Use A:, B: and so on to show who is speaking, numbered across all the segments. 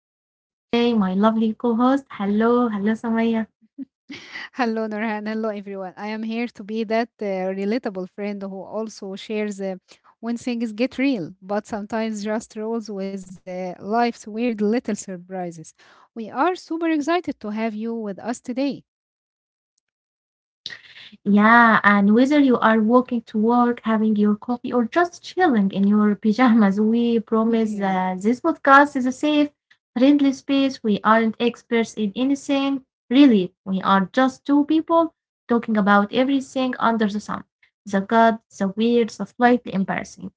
A: With me today, my lovely co host. Hello, hello, Samaya.
B: Hello, Nurhan. Hello, everyone. I am here to be that relatable friend who also shares when things get real, but sometimes just rolls with life's weird little surprises. We are super excited to have you with us today.
A: Yeah, and whether you are walking to work, having your coffee, or just chilling in your pajamas, we promise
B: Yeah.
A: that this podcast is a safe, friendly space. We aren't experts in anything, really. We are just two people talking about everything under the sun, the good, the weird, the slightly embarrassing.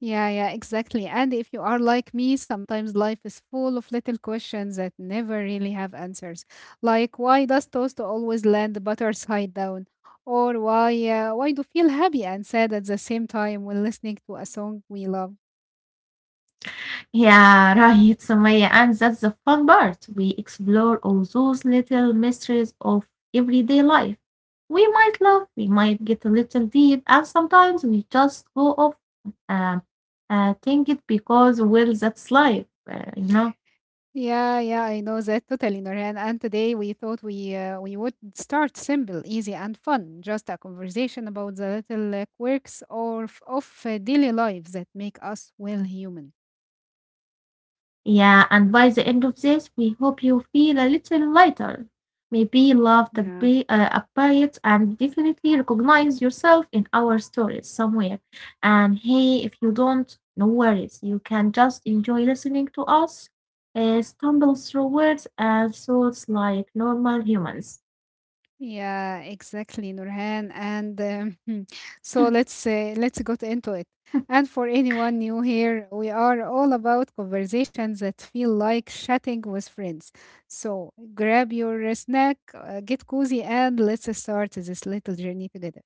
B: Yeah, yeah, exactly. And if you are like me, sometimes life is full of little questions that never really have answers. Like why does toast always land butter side down? Or why do feel happy and sad at the same time when listening to a song we love?
A: Yeah, right, Samaya. And that's the fun part. We explore all those little mysteries of everyday life. We might laugh, we might get a little deep, and sometimes we just go off uh, think it because, well, that's life,
B: Yeah, yeah, I know that totally, Norhan. And today we thought we would start simple, easy, and fun. Just a conversation about the little quirks or daily lives that make us well human.
A: Yeah, and by the end of this, we hope you feel a little lighter. Maybe love the be
B: Yeah.
A: a bit and definitely recognize yourself in our stories somewhere. And hey, if you don't, no worries. You can just enjoy listening to us, stumble through words and thoughts like normal humans.
B: Yeah, exactly, Nurhan. And so let's get into it. And for anyone new here, we are all about conversations that feel like chatting with friends. So grab your snack, get cozy, and let's start this little journey together.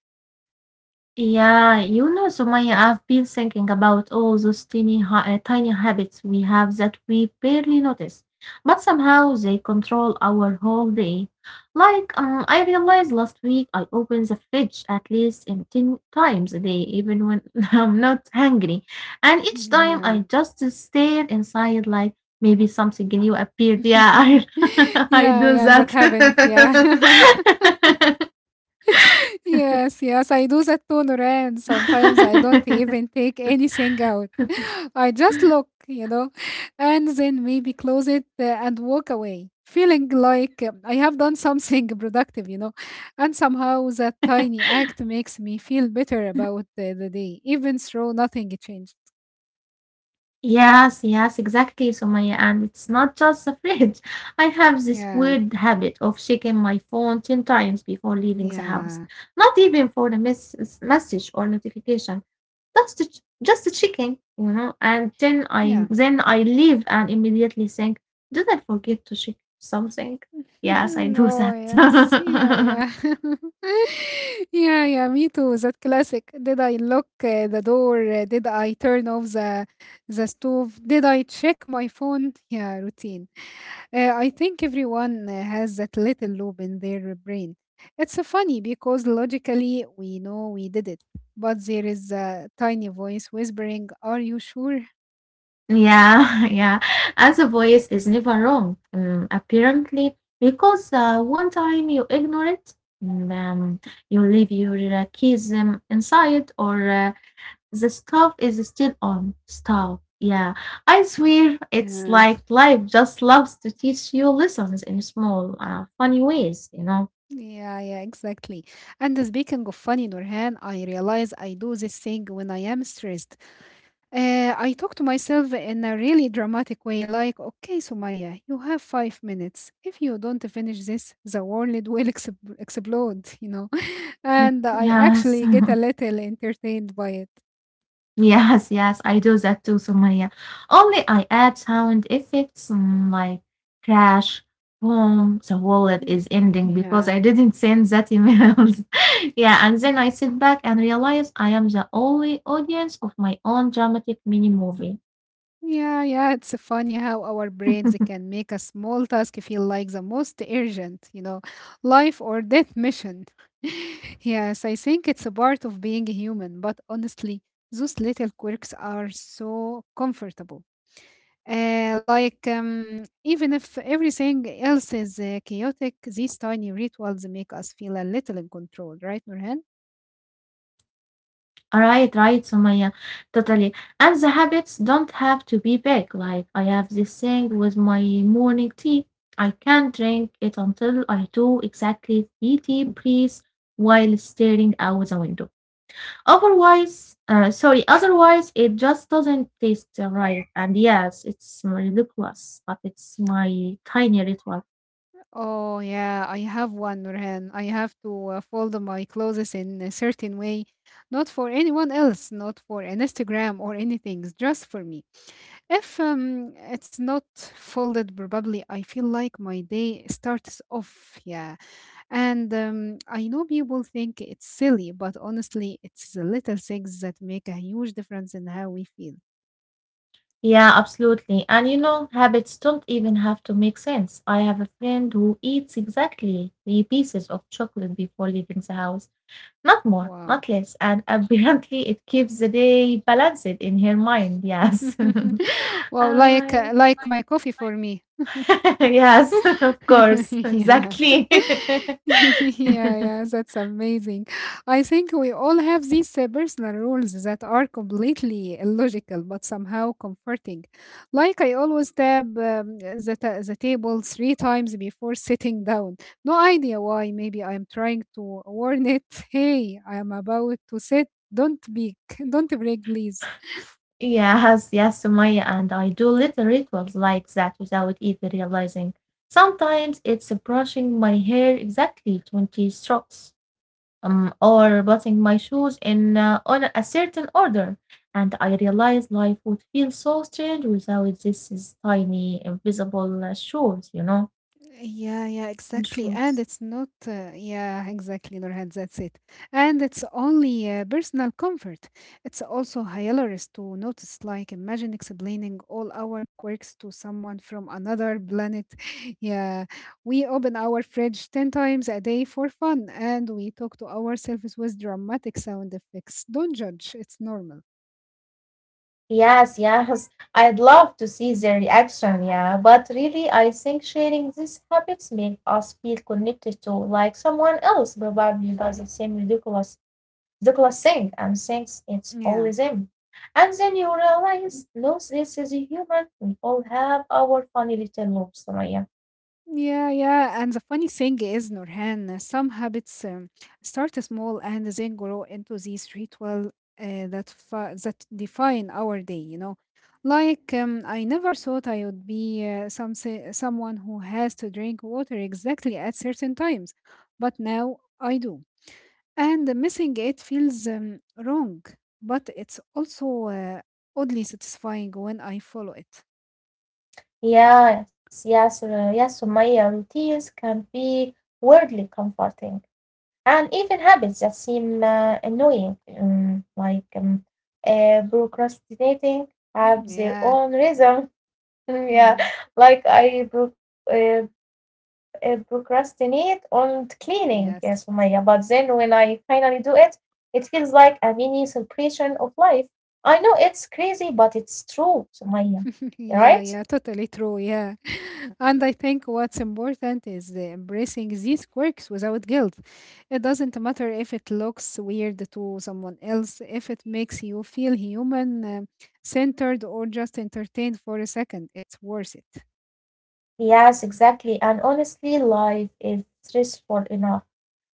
A: Yeah, you know, Sumaya, I've been thinking about all those tiny habits we have that we barely notice, but somehow they control our whole day. Like, I realized last week I open the fridge at least in 10 times a day, even when I'm not hungry. And each time
B: Yeah.
A: I just stare inside, like maybe something new appeared. I
B: Yeah,
A: do
B: yeah,
A: that.
B: that happens. Yeah. Yes, yes, I do that too, Nuran. Sometimes I don't even take anything out. I just look, and then maybe close it and walk away, feeling like I have done something productive. And somehow that tiny act makes me feel better about the day, even though nothing changed.
A: Yes, yes, exactly, Sumaya. And it's not just the fridge. I have this
B: Yeah,
A: weird habit of checking my phone 10 times before leaving the house.
B: yeah,
A: Not even for the message or notification. Just to checking, you know. And then I
B: yeah.
A: then I leave and immediately think, did I forget to check something? Yes, I do
B: Oh, yes. Yeah,
A: that.
B: yeah. Yeah, yeah, me too. That classic. Did I lock the door? Did I turn off the stove? Did I check my phone? Yeah, routine. I think everyone has that little loop in their brain. It's funny because logically we know we did it, but there is a tiny voice whispering, "Are you sure?"
A: Yeah, yeah. As a voice is never wrong, apparently, because one time you ignore it, mm, um, you leave your keys inside, or the stuff is still on. Stuff. Yeah, I swear it's
B: Yeah.
A: like life just loves to teach you lessons in small, funny ways.
B: Yeah, yeah, exactly. And speaking of funny, Nurhan, I realize I do this thing when I am stressed. I talk to myself in a really dramatic way, like, okay, Sumaya, you have 5 minutes. If you don't finish this, the world will ex explode, you know?
A: Mm,
B: And I
A: Yes.
B: actually get a little entertained by it.
A: Yes, yes, I do that too, Sumaya. Only I add sound effects like crash, boom, the wallet is
B: Yeah.
A: ending because I
B: Yeah.
A: didn't send that emails. yeah, and then I sit back and realize I am the only audience of my own dramatic mini movie.
B: Yeah, yeah, it's funny how our brains can make a small task feel like the most urgent, you know, life or death mission. Yes, I think it's a part of being human, but honestly, those little quirks are so comfortable. Even if everything else is chaotic, these tiny rituals make us feel a little in control, right, Nurhan?
A: Right, right, Sumaya. Totally. And the habits don't have to be big. Like I have this thing with my morning tea. I can't drink it until I do exactly three tea breaths while staring out the window. Otherwise, otherwise it just doesn't taste right. And yes, it's ridiculous, but it's my tiny ritual.
B: Oh yeah, I have one, Nurhan. I have to fold my clothes in a certain way, not for anyone else, not for an Instagram or anything, it's just for me. If it's not folded, probably I feel like my day starts off. Yeah. And I know people think it's silly, but honestly, it's the little things that make a huge difference in how we feel.
A: Yeah, absolutely. And you know, habits don't even have to make sense. I have a friend who eats exactly three pieces of chocolate before leaving the house. Not more, not
B: Wow.
A: less. And apparently it keeps the day balanced in her mind. Yes.
B: Wow,
A: Uh,
B: like my coffee for me.
A: yes, of course.
B: Yeah.
A: Exactly.
B: Yeah, yeah, that's amazing. I think we all have these personal rules that are completely illogical but somehow comforting. Like I always tap the table three times before sitting down. No idea why. Maybe I'm trying to warn it. Hey, I am about to sit. Don't be, don't break, please.
A: Yes, yes, Sumaya, and I do little rituals like that without even realizing. Sometimes it's brushing my hair exactly 20 strokes, or buttoning my shoes in on a certain order, and I realize life would feel so strange without these tiny invisible shoes, you know,
B: Yeah, yeah,
A: and
B: exactly.
A: shoes.
B: And it's not, yeah, exactly, Nurhan, that's it. And it's only personal comfort. It's also hilarious to notice, like, imagine explaining all our quirks to someone from another planet. Yeah, we open our fridge 10 times a day for fun, and we talk to ourselves with dramatic sound effects. Don't judge, it's normal.
A: Yes, yes. I'd love to see their reaction, yeah. But really, I think sharing these habits make us feel connected to like someone else probably does the same ridiculous thing and thinks it's only
B: Yeah.
A: them. And then you realize, no, this is a human. We all have our funny little loops, Sumaya.
B: Yeah, yeah. And the funny thing is, Nurhan, some habits start small and then grow into these ritual that fa that define our day. Like I never thought I would be someone who has to drink water exactly at certain times, but now I do. And missing it feels wrong, but it's also oddly satisfying when I follow it.
A: Yes, Sumaya. Routines can be weirdly comforting. And even habits that seem annoying, procrastinating, have their
B: Yeah.
A: own reason. yeah, like procrastinate on cleaning, yes, Umayya.
B: Yes.
A: But then when I finally do it, it feels like a mini celebration of life. I know it's crazy, but it's true, Sumaya.
B: Yeah,
A: Right?
B: yeah, totally true. Yeah. And I think what's important is the embracing these quirks without guilt. It doesn't matter if it looks weird to someone else, if it makes you feel human, centered, or just entertained for a second, it's worth it.
A: Yes, exactly. And honestly, life is stressful enough.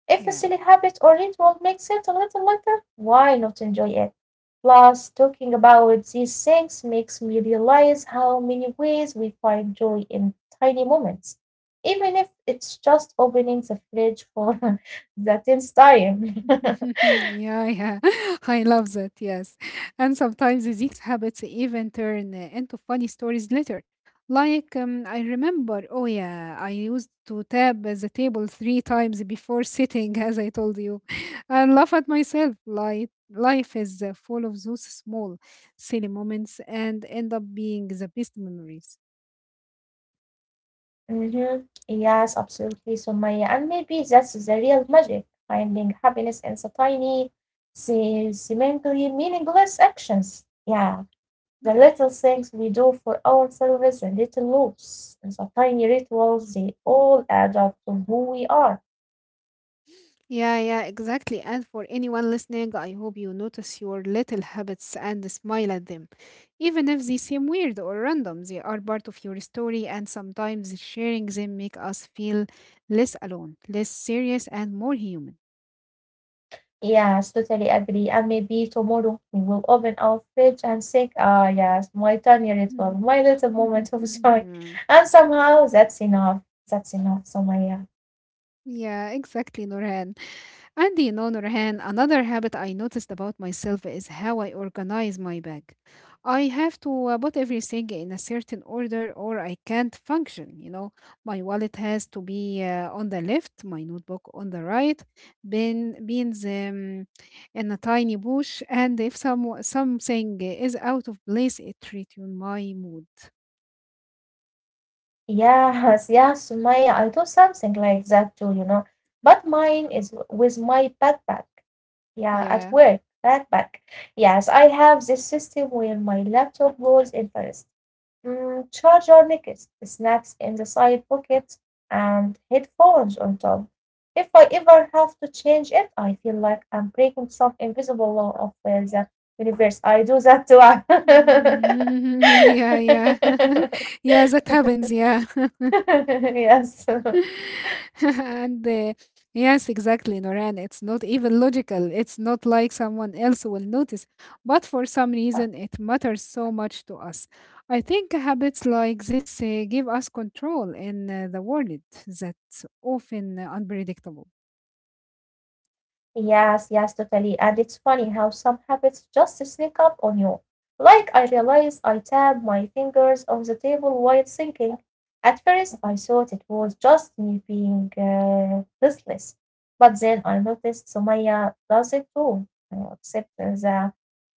A: If a
B: Yeah.
A: silly habit or ritual makes it a little lighter, why not enjoy it? Plus, talking about these things makes me realize how many ways we find joy in tiny moments, even if it's just opening the fridge for the tenth time.
B: Yeah, yeah. I love that. Yes. And sometimes these habits even turn into funny stories later. Like, I remember, oh, yeah, I used to tap the table 3 times before sitting, as I told you, and laugh at myself. Like, life is full of those small, silly moments and end up being the best memories.
A: Mhm. Yes, absolutely, Sumaya. And maybe that's the real magic, finding happiness in the tiny, seemingly meaningless actions. Yeah. The
B: Yeah.
A: little things we do for ourselves, the little loops, and the tiny rituals, they all add up to who we are.
B: Yeah, yeah, exactly. And for anyone listening, I hope you notice your little habits and smile at them. Even if they seem weird or random, they are part of your story, and sometimes sharing them make us feel less alone, less serious, and more human.
A: Yes, totally agree. And maybe tomorrow we will open our fridge and think, ah, yes, my tiny ritual, my little moment of joy.
B: Yeah,
A: And somehow that's enough. That's enough, Somaya.
B: yeah, exactly, Norhan. And on the other hand, another habit I noticed about myself is how I organize my bag. I have to put everything in a certain order or I can't function. You know, my wallet has to be on the left, my notebook on the right, bin, beans in a tiny bush, and if some, something is out of place, it retunes my mood.
A: Yes, yes, Somaya. I do something like that too, you know. But mine is with my backpack. Yeah, at
B: Yeah.
A: work, not back. Yes, I have this system where my laptop goes in first, charger next, snacks in the side pocket, and headphones on top. If I ever have to change it, I feel like I'm breaking some invisible law of the universe. I do that too.
B: Mm, yeah, yeah. Yeah, that happens. Yeah.
A: yes.
B: and yes, exactly, Noran. It's not even logical. It's not like someone else will notice. But for some reason, it matters so much to us. I think habits like this give us control in the world that's often unpredictable.
A: Yes, yes, totally. And it's funny how some habits just sneak up on you. Like I realized I tapped my fingers on the table while thinking. At first, I thought it was just me being restless, but then I noticed Sumaya does it too, except that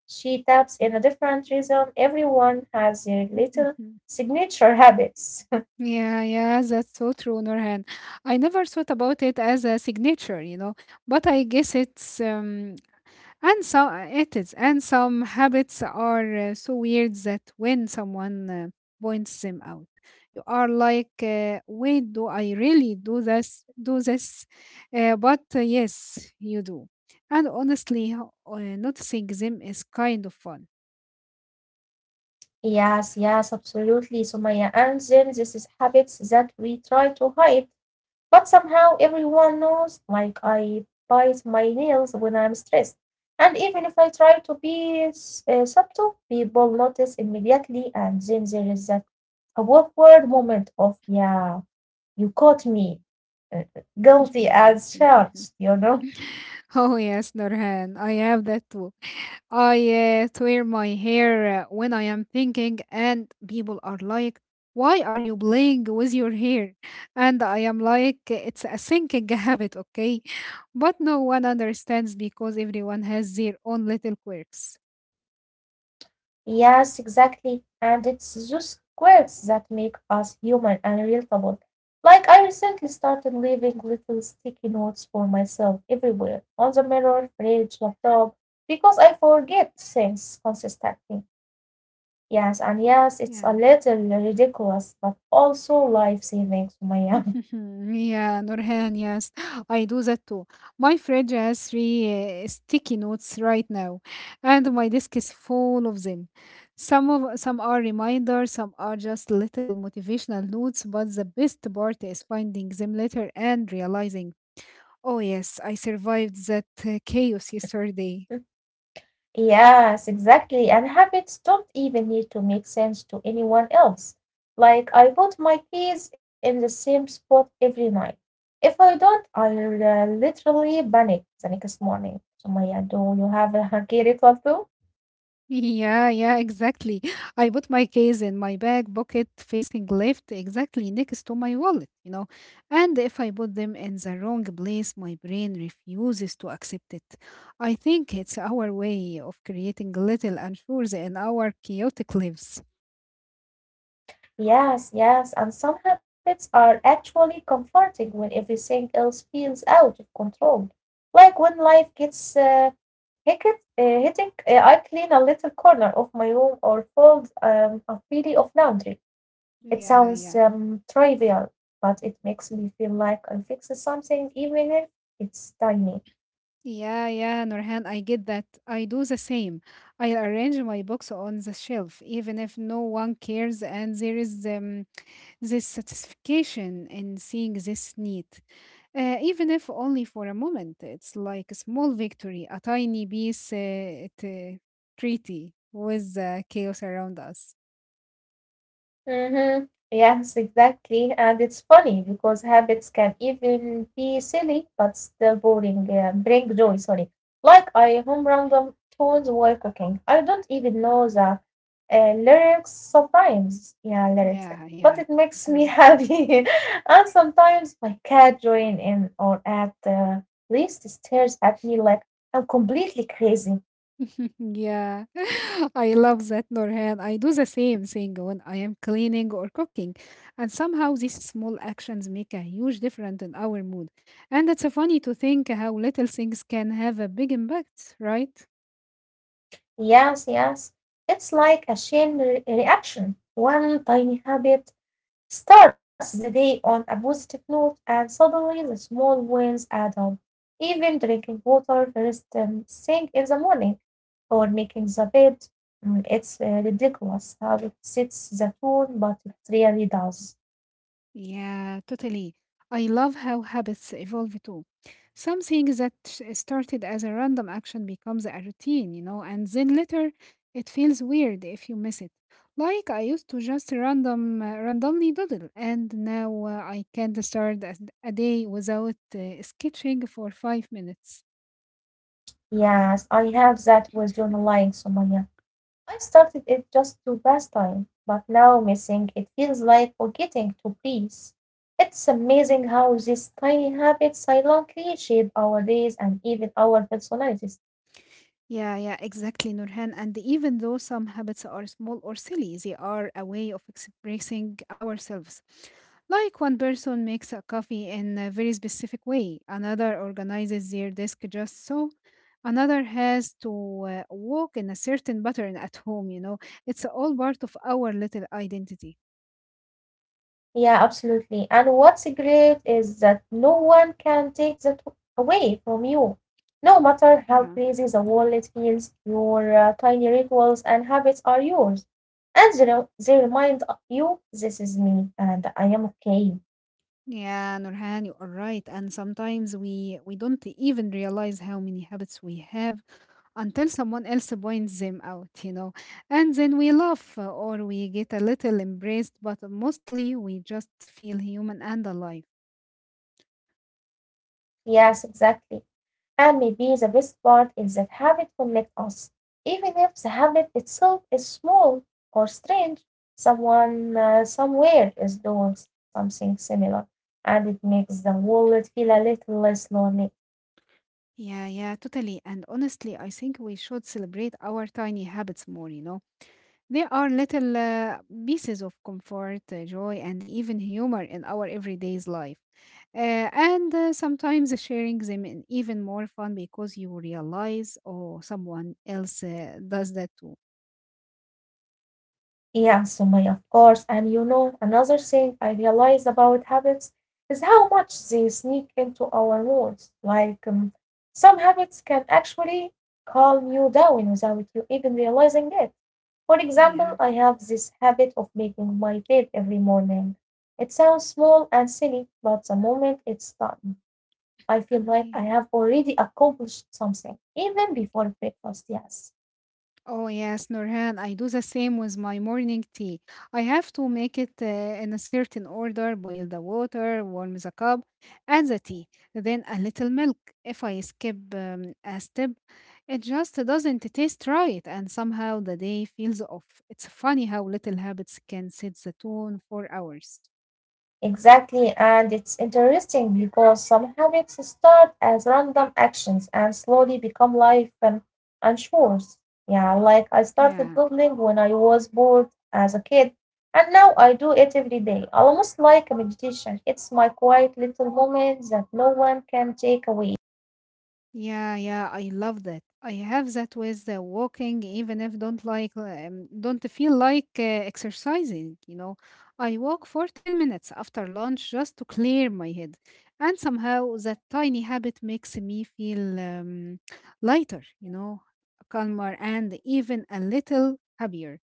A: she taps in a different rhythm. Everyone has their little signature habits.
B: Yeah, yeah, that's so true, Nurhan. I never thought about it as a signature, you know, but I guess it's and so it is. And some habits are so weird that when someone points them out, you are like, wait, do I really do this? Do this? But yes, you do. And honestly, noticing them is kind of fun.
A: Yes, yes, absolutely, Sumaya. And then this is habits that we try to hide. But somehow everyone knows like I bite my nails when I'm stressed, and even if I try to be subtle, people notice immediately, and then there is that awkward moment of yeah, you caught me, uh, guilty as charged, you know.
B: Oh yes, Norhan, I have that too. I twirl my hair when I am thinking, and people are like, "Why are you playing with your hair?" And I am like, "It's a thinking habit, okay?" But no one understands because everyone has their own little quirks.
A: Yes, exactly. And it's those quirks that make us human and relatable. Like, I recently started leaving little sticky notes for myself everywhere on the mirror, fridge, laptop, because I forget things consistently. Yes, and yes, it's a
B: Yeah.
A: little ridiculous, but also life saving, Sumaya.
B: Yeah, Nurhan, yes, I do that too. My fridge has 3 sticky notes right now, and my desk is full of them. Some are reminders, some are just little motivational notes, but the best part is finding them later and realizing, oh yes, I survived that chaos yesterday.
A: Yes, exactly. And habits don't even need to make sense to anyone else. Like, I put my keys in the same spot every night. If I don't, I'll literally panic the next morning. So, Maya, do you have a hanky ritual too?
B: Yeah, yeah, exactly. I put my case in my back pocket facing left, exactly next to my wallet, you know. And if I put them in the wrong place, my brain refuses to accept it. I think it's our way of creating little unsures in our chaotic lives.
A: Yes, yes. And some habits are actually comforting when everything else feels out of control. Like when life gets hectic, I clean a little corner of my room or fold a pile of laundry. It
B: Yeah,
A: sounds
B: yeah.
A: trivial, but it makes me feel like I'm fixing something even if it's tiny.
B: Yeah, yeah, Nurhan, I get that. I do the same. I arrange my books on the shelf, even if no one cares, and there is this satisfaction in seeing this need, even if only for a moment. It's like a small victory, a tiny piece, at a treaty with the chaos around us.
A: Mm-hmm. Yes, exactly. And it's funny because habits can even be silly but still bring joy, sorry. Like I hum random tunes while cooking. I don't even know the lyrics sometimes. Yeah, lyrics.
B: Yeah,
A: But
B: yeah.
A: it makes me
B: Mhm.
A: happy. And sometimes my cat join in or at the least stares at me like I'm completely crazy.
B: Yeah, I love that, Norhan. I do the same thing when I am cleaning or cooking, and somehow these small actions make a huge difference in our mood. And it's funny to think how little things can have a big impact, right?
A: Yes, yes. It's like a chain reaction. One tiny habit starts the day on a positive note, and suddenly the small wins add up. Even drinking water first thing in the morning or making the bed, it's ridiculous how it sets the tone, but it really does.
B: Yeah, totally. I love how habits evolve too. Something that started as a random action becomes a routine, you know, and then later it feels weird if you miss it. Like I used to just randomly doodle, and now I can't start a day without sketching for 5 minutes.
A: Yes, I have that with journaling, Sumaya. I started it just to pass time, but now missing it feels like forgetting to breathe. It's amazing how these tiny habits silently shape our days and even our personalities.
B: Yeah, yeah, exactly, Nurhan. And even though some habits are small or silly, they are a way of expressing ourselves. Like one person makes a coffee in a very specific way, another organizes their desk just so, another has to walk in a certain pattern at home, you know. It's all part of our little identity.
A: Yeah, absolutely. And what's great is that no one can take that away from you. No matter how
B: Yeah.
A: crazy the world feels, your tiny rituals and habits are yours. And they remind you this is me and I am okay.
B: Yeah, Nurhan, you are right. And sometimes we don't even realize how many habits we have until someone else points them out, you know. And then we laugh or we get a little embraced, but mostly we just feel human and alive.
A: Yes, exactly. And maybe the best part is that habit connect us, even if the habit itself is small or strange. Someone Somewhere is doing something similar, and it makes the world feel a little less lonely.
B: Yeah, yeah, totally. And honestly, I think we should celebrate our tiny habits more, you know. There are little pieces of comfort, joy, and even humor in our everyday's life. And Sometimes sharing them is even more fun because you realize, oh, someone else does that too.
A: Yeah, Sumaya, of course. And you know, another thing I realize about habits is how much they sneak into our moods. Like, some habits can actually calm you down without you even realizing it. For example,
B: Yeah,
A: I have this habit of making my bed every morning. It sounds small and silly, but the moment it's done, I feel like I
B: yeah.
A: have already accomplished something, even before breakfast, yes.
B: Oh yes, Nurhan, I do the same with my morning tea. I have to make it in a certain order, boil the water, warm the cup, add the tea, then a little milk. If I skip a step, it just doesn't taste right, and somehow the day feels off. It's funny how little habits can set the tone for hours.
A: Exactly, and it's interesting because some habits start as random actions and slowly become life and chores. Yeah, like I started
B: Yeah.
A: doodling when I was bored as a kid, and now I do it every day, almost like a meditation. It's my quiet little moment that no one can take away.
B: Yeah, yeah, I love that. I have that with the walking, even if don't like, don't feel like exercising, you know. I walk for 10 minutes after lunch just to clear my head. And somehow that tiny habit makes me feel lighter, calmer and even a little happier.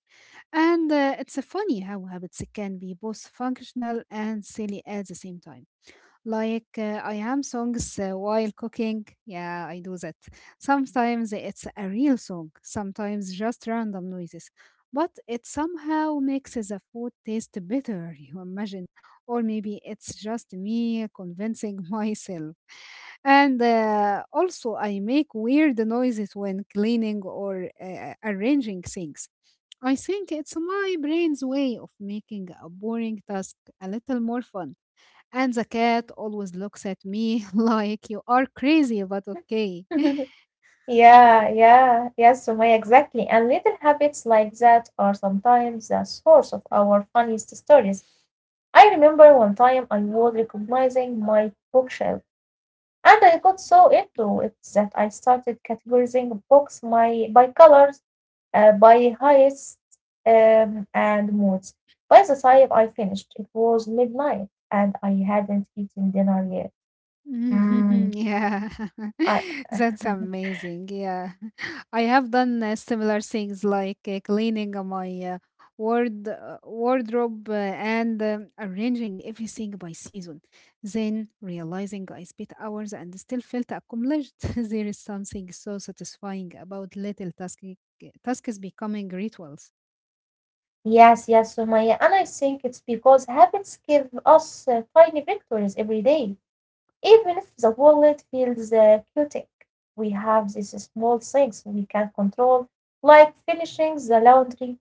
B: And it's funny how habits can be both functional and silly at the same time. I am songs while cooking. Yeah, I do that. Sometimes it's a real song, sometimes just random noises. But it somehow makes the food taste better, you imagine. Or maybe it's just me convincing myself. And also, I make weird noises when cleaning or arranging things. I think it's my brain's way of making a boring task a little more fun. And the cat always looks at me like you are crazy, but okay.
A: Yeah, yeah, yes, Sumaya, exactly. And little habits like that are sometimes the source of our funniest stories. I remember one time I was recognizing my bookshelf, and I got so into it that I started categorizing books by colors, by heights, and moods. By the time I finished, it was midnight, and I hadn't eaten dinner yet. Mm,
B: yeah,
A: I,
B: that's amazing. Yeah, I have done similar things like cleaning my wardrobe and arranging everything by season. Then realizing I spent hours and still felt accomplished. There is something so satisfying about little tasks becoming rituals.
A: yes, yes, Sumaya, and I think it's because habits give us tiny victories every day. Even if the wallet feels chaotic, we have these small things we can control, like finishing the laundry.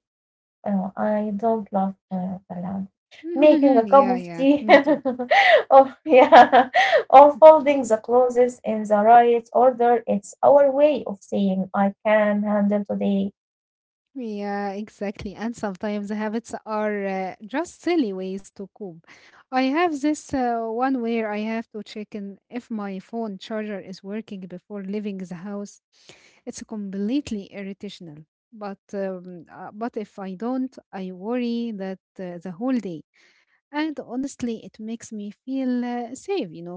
A: Oh, I don't love the laundry. Making a cup
B: Yeah,
A: of
B: yeah,
A: tea,
B: me too.
A: or yeah, or folding the clothes in the right order. It's our way of saying I can handle today.
B: Yeah, exactly. And sometimes the habits are just silly ways to cope. I have this one where I have to check in if my phone charger is working before leaving the house. It's completely irritational. But if I don't, I worry that the whole day. And honestly, it makes me feel safe, you know.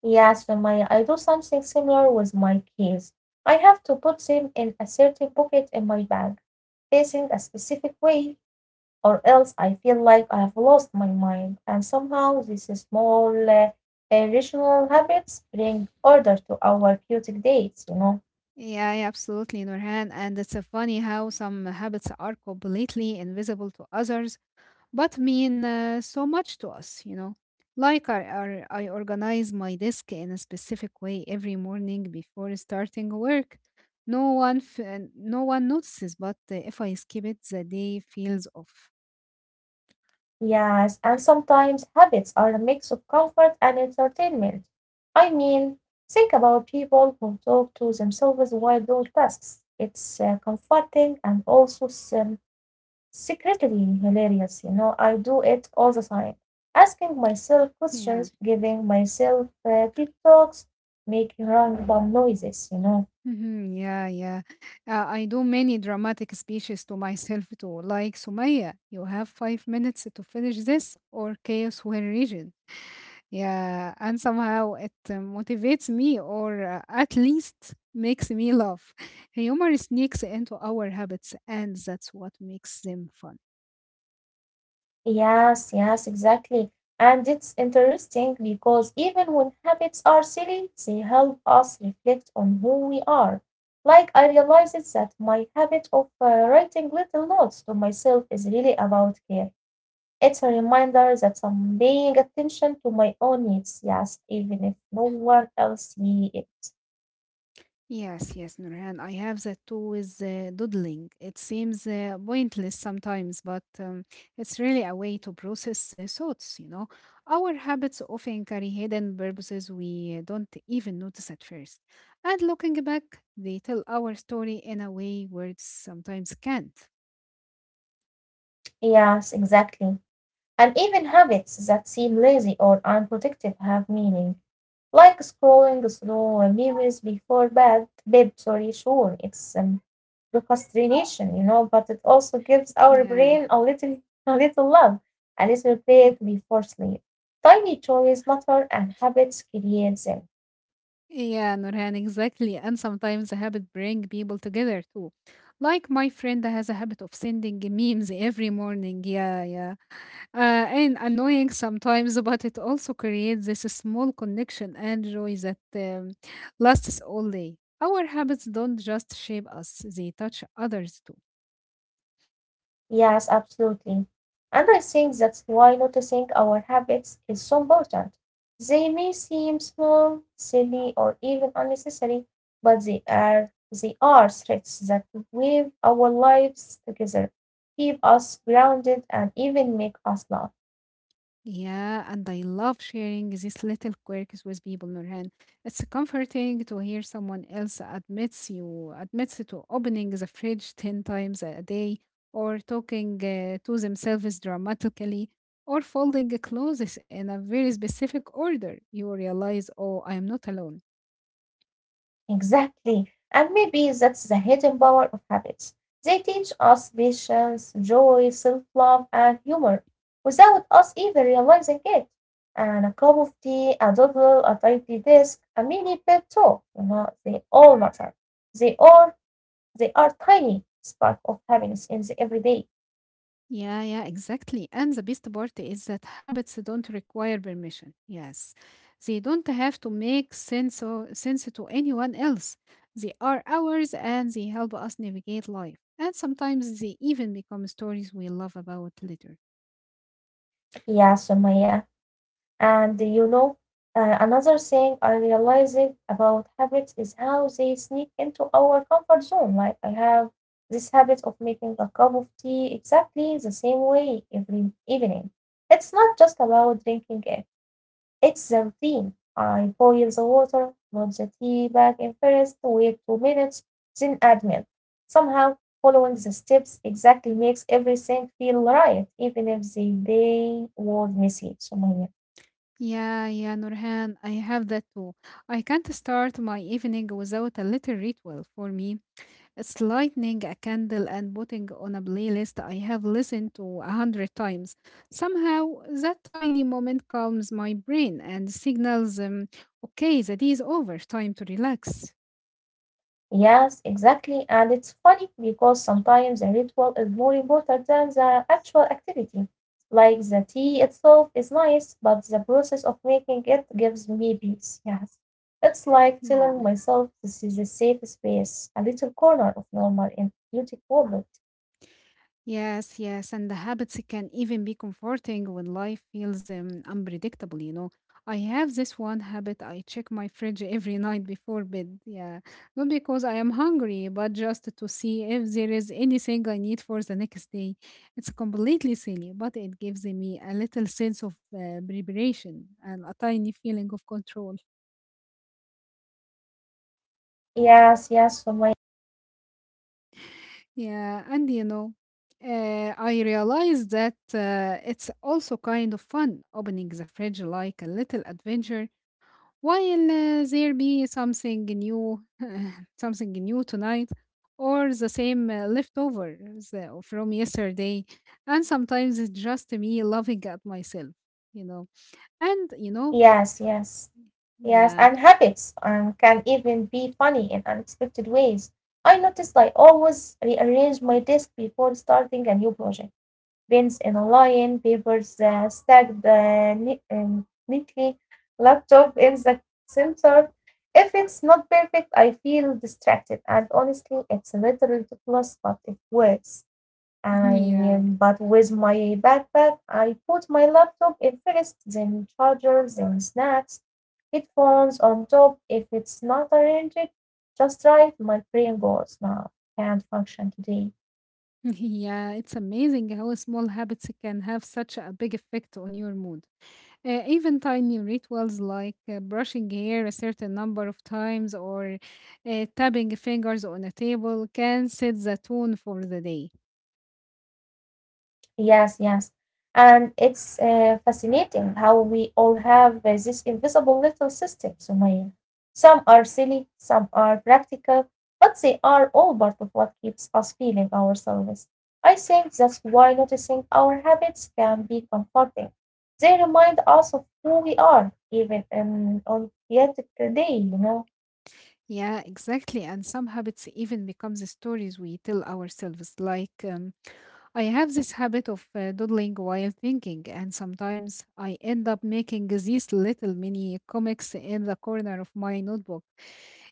A: Yes, Maya, I do something similar with my keys. I have to put them in a certain pocket in my bag, facing a specific way, or else I feel like I have lost my mind, and somehow these small irrational habits bring order to our chaotic days, you know.
B: Yeah, yeah, absolutely, Nurhan. And it's funny how some habits are completely invisible to others but mean so much to us, you know. Like I organize my desk in a specific way every morning before starting work. No one notices, but if I skip it, the day feels off.
A: Yes, and sometimes habits are a mix of comfort and entertainment. I mean, think about people who talk to themselves while doing tasks. It's comforting and also um, secretly hilarious, you know. I do it all the time, asking myself
B: Yeah,
A: questions, giving myself pep talks, making random noises, you know.
B: Mhm, yeah, yeah. I do many dramatic speeches to myself too, like Sumaya, you have 5 minutes to finish this, or chaos will region. Yeah, and somehow it motivates me or at least makes me laugh. Humor sneaks into our habits, and that's what makes them fun.
A: Yes, yes, exactly. And it's interesting because even when habits are silly, they help us reflect on who we are. Like, I realized that my habit of writing little notes to myself is really about care. It's a reminder that I'm paying attention to my own needs, yes, even if no one else see it.
B: Yes, yes, Nurhan. I have that too with doodling. It seems pointless sometimes, but it's really a way to process thoughts, you know. Our habits often carry hidden purposes we don't even notice at first. And looking back, they tell our story in a way words sometimes can't.
A: Yes, exactly. And even habits that seem lazy or unproductive have meaning. Like scrolling through memes before bed, sorry, sure, it's procrastination, you know, but it also gives our
B: Yeah.
A: brain a little love, a little break
B: Mm.
A: before sleep. Tiny choices matter and habits create them.
B: Yeah, Nurhan, exactly. And sometimes the habit bring people together too. Like my friend has a habit of sending memes every morning. Yeah, yeah. And annoying sometimes, but it also creates this small connection and joy that lasts all day. Our habits don't just shape us, they touch others too.
A: Yes, absolutely. And I think that's why noticing our habits is so important. They may seem small, silly, or even unnecessary, but they are threads that weave our lives together, keep us grounded, and even make us laugh.
B: Yeah, and I love sharing these little quirks with people, Nurhan. It's comforting to hear someone else admits you admits to opening the fridge 10 times a day, or talking to themselves dramatically, or folding clothes in a very specific order. You realize, oh, I am not alone.
A: Exactly. And maybe that's the hidden power of habits. They teach us patience, joy, self love, and humor without us even realizing it. And a cup of tea, a doodle, a tidy desk, a mini pep talk, you know, they all matter. They are, they are tiny spark of happiness in the everyday.
B: Yeah, yeah, exactly. And the best part is that habits don't require permission. Yes, they don't have to make sense or sense to anyone else. They are ours and they help us navigate life. And sometimes they even become stories we love about later.
A: Yeah, Sumaya. And you know, another thing I realized about habits is how they sneak into our comfort zone. Like I have this habit of making a cup of tea exactly the same way every evening. It's not just about drinking it, it's the routine. I boil the water, put the tea bag in first, wait 2 minutes, then add milk. Somehow, following the steps exactly makes everything feel right, even if the day was messy. So,
B: Yeah, yeah, Nurhan, I have that too. I can't start my evening without a little ritual for me. It's lighting a candle and putting on a playlist I have listened to 100 times. Somehow, that tiny moment calms my brain and signals, okay, the day is over, time to relax.
A: yes, exactly. And it's funny because sometimes the ritual is more important than the actual activity. Like the tea itself is nice, but the process of making it gives me peace. Yes. It's like telling
B: Yeah.
A: myself this is a safe space, a little corner of normal and beautiful world.
B: Yes, yes, and the habits can even be comforting when life feels unpredictable, you know. I have this one habit, I check my fridge every night before bed. Yeah, not because I am hungry, but just to see if there is anything I need for the next day. It's completely silly, but it gives me a little sense of preparation and a tiny feeling of control.
A: Yes, yes, so my
B: Yeah, and you know, I realized that it's also kind of fun opening the fridge like a little adventure while there be something new, something new tonight, or the same leftovers from yesterday. And sometimes it's just me laughing at myself, you know. And you know,
A: yes, yes. Yes,
B: yeah,
A: and habits can even be funny in unexpected ways. I noticed I always rearrange my desk before starting a new project, pens in a line, papers stacked neatly, laptop in the center. If it's not perfect, I feel distracted, and honestly, it's a little ridiculous, but it works. I
B: yeah.
A: but with my backpack, I put my laptop in first, then charger, then snacks, headphones on top. If it's not arranged, just right, my brain goes now, can't function today.
B: Yeah, it's amazing how small habits can have such a big effect on your mood. Even tiny rituals like brushing hair a certain number of times or tapping fingers on a table can set the tone for the day.
A: Yes, yes. And it's fascinating how we all have these invisible little systems, Sumaya. Some are silly, some are practical, but they are all part of what keeps us feeling ourselves. I think that's why noticing our habits can be comforting. They remind us of who we are, even in, on yet today, you know.
B: Yeah, exactly. And some habits even become the stories we tell ourselves. Like, I have this habit of doodling while thinking, and sometimes I end up making these little mini comics in the corner of my notebook.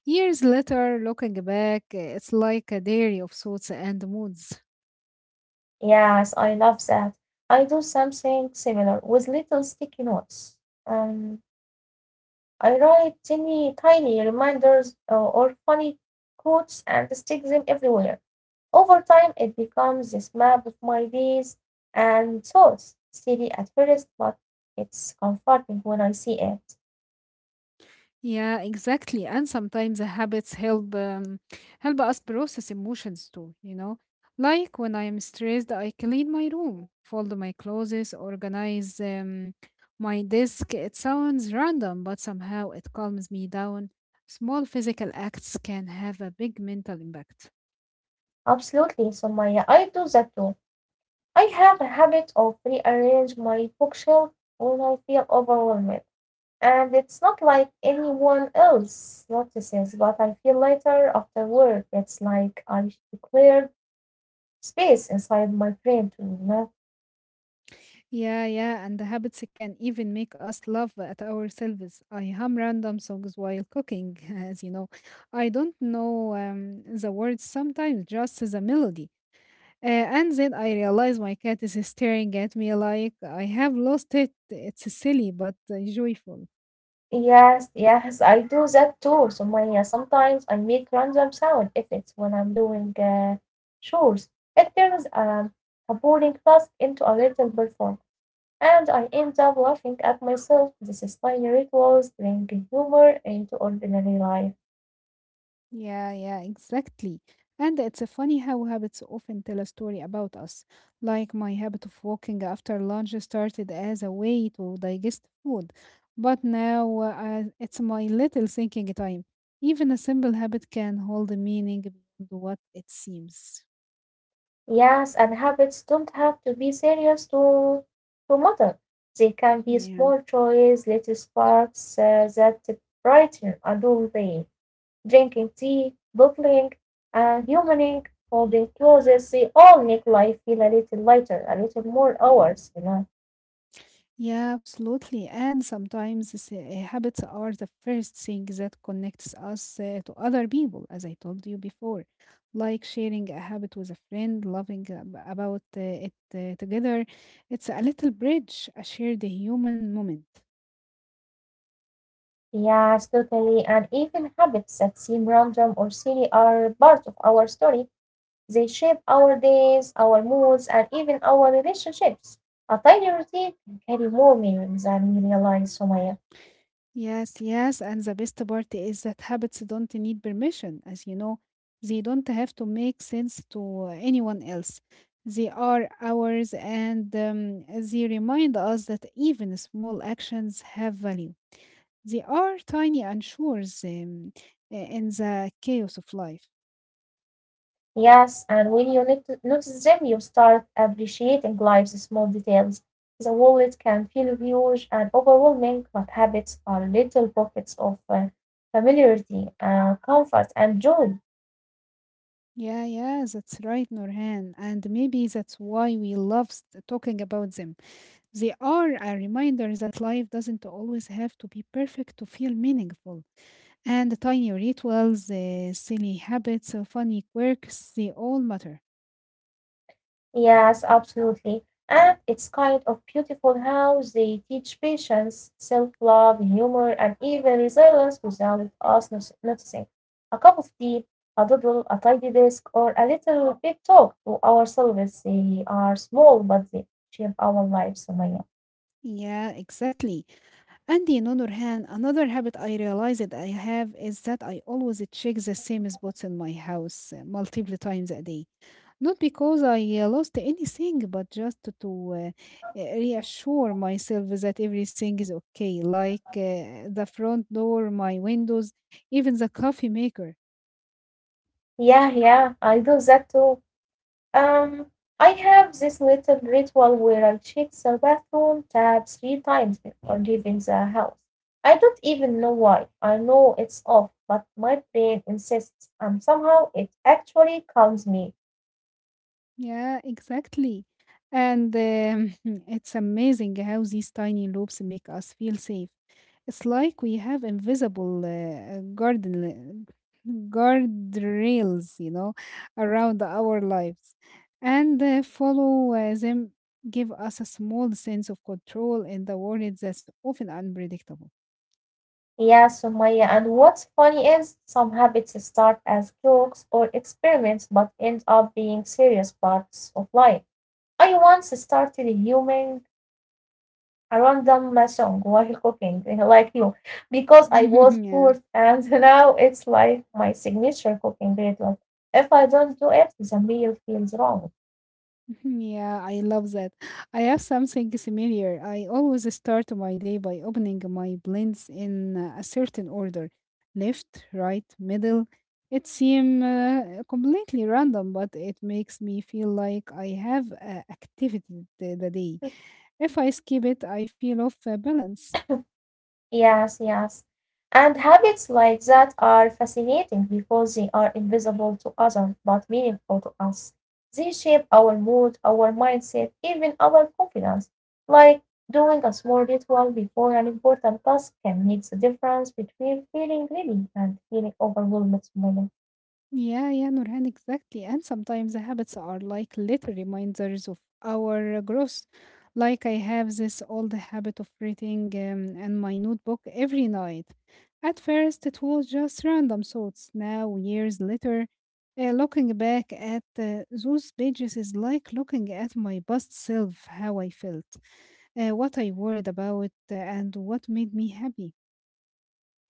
B: Years later, looking back, it's like a diary of thoughts and moods.
A: Yes, I love that. I do something similar with little sticky notes. Um, I write tiny, tiny reminders or funny quotes and stick them everywhere. Over time, it becomes this map of my days and thoughts. Silly at first, but it's comforting when I see it.
B: Yeah, exactly. And sometimes the habits help help us process emotions too, you know. Like when I am stressed, I clean my room, fold my clothes, organize my desk. It sounds random, but somehow it calms me down. Small physical acts can have a big mental impact.
A: Absolutely, Somaya. I do that too. I have a habit of rearrange my bookshelf when I feel overwhelmed, and it's not like anyone else notices, but I feel later afterward. It's like I declared space inside my brain to not
B: Yeah, yeah, and the habits can even make us laugh at ourselves. I hum random songs while cooking, as you know. I don't know the words sometimes, just the melody. And then I realize my cat is staring at me like I have lost it. It's silly but joyful.
A: yes, yes, I do that too. So Maya, sometimes I make random sound effects when I'm doing chores. It turns a boring task into a little perform, and I end up laughing at myself. This is tiny rituals bring humor into ordinary life.
B: Yeah, yeah, exactly. And it's funny how habits often tell a story about us. Like my habit of walking after lunch started as a way to digest food, but now it's my little thinking time. Even a simple habit can hold a meaning beyond what it seems.
A: Yes, and habits don't have to be serious to matter. They can be
B: Yeah.
A: small joys, little sparks that brighten a dull day, drinking tea, bubbling and humaning holding closes, they all make life feel a little lighter, a little more ours, you know.
B: Yeah, absolutely. And sometimes habits are the first thing that connects us to other people, as I told you before, like sharing a habit with a friend, loving about it together. It's a little bridge, a shared human moment.
A: Yes, totally. And even habits that seem random or silly are part of our story. They shape our days, our moods, and even our relationships. A tiny routine can carry more meaning than we realize, Sumaya.
B: Yes, yes, and the best part is that habits don't need permission, as you know, they don't have to make sense to anyone else. They are ours and they remind us that even small actions have value. They are tiny unsures in the chaos of life.
A: Yes, and when you notice them, you start appreciating life's small details. The wallet can feel huge and overwhelming, but habits are little pockets of familiarity, comfort, and joy.
B: Yeah, yeah, that's right, Norhan. And maybe that's why we love talking about them. They are a reminder that life doesn't always have to be perfect to feel meaningful. And the tiny rituals, the silly habits, funny quirks, they all matter.
A: Yes, absolutely. And it's kind of beautiful how they teach patience, self love, humor, and even resilience without us noticing. A cup of tea, a doodle, a tidy desk, or a little big talk to ourselves. They are small, but they shape our lives, Sumaya.
B: Yeah, exactly. And you know, Nurhan, another habit I realized that I have is that I always check the same spots in my house multiple times a day. Not because I lost anything, but just to reassure myself that everything is okay, like the front door, my windows, even the coffee maker.
A: Yeah, yeah, I do that too. Um, I have this little ritual where I check the bathroom tap three times before leaving the house. I don't even know why. I know it's off, but my brain insists, and somehow it actually calms me.
B: Yeah, exactly. And it's amazing how these tiny loops make us feel safe. It's like we have invisible garden guardrails, you know, around our lives. And follow them give us a small sense of control in the world that's often unpredictable.
A: Yeah, Sumaya, and what's funny is some habits start as jokes or experiments but end up being serious parts of life. I once started humming around them my song while cooking eh, like you because I was
B: yeah.
A: poor and now it's like my signature cooking ritual. If I don't do it, the meal feels wrong.
B: Yeah, I love that. I have something similar. I always start my day by opening my blends in a certain order, left, right, middle. It seems completely random, but it makes me feel like I have activity the day. If I skip it, I feel off balance.
A: Yes, yes. And habits like that are fascinating because they are invisible to others but meaningful to us. They shape our mood, our mindset, even our confidence. Like doing a small ritual before an important task can make the difference between feeling ready and feeling overwhelmed.
B: Yeah, yeah, Nurhan, exactly. And sometimes the habits are like little reminders of our growth. Like I have this old habit of writing in my notebook every night. At first, it was just random thoughts. Now, years later, looking back at those pages is like looking at my past self, how I felt, what I worried about, and what made me happy.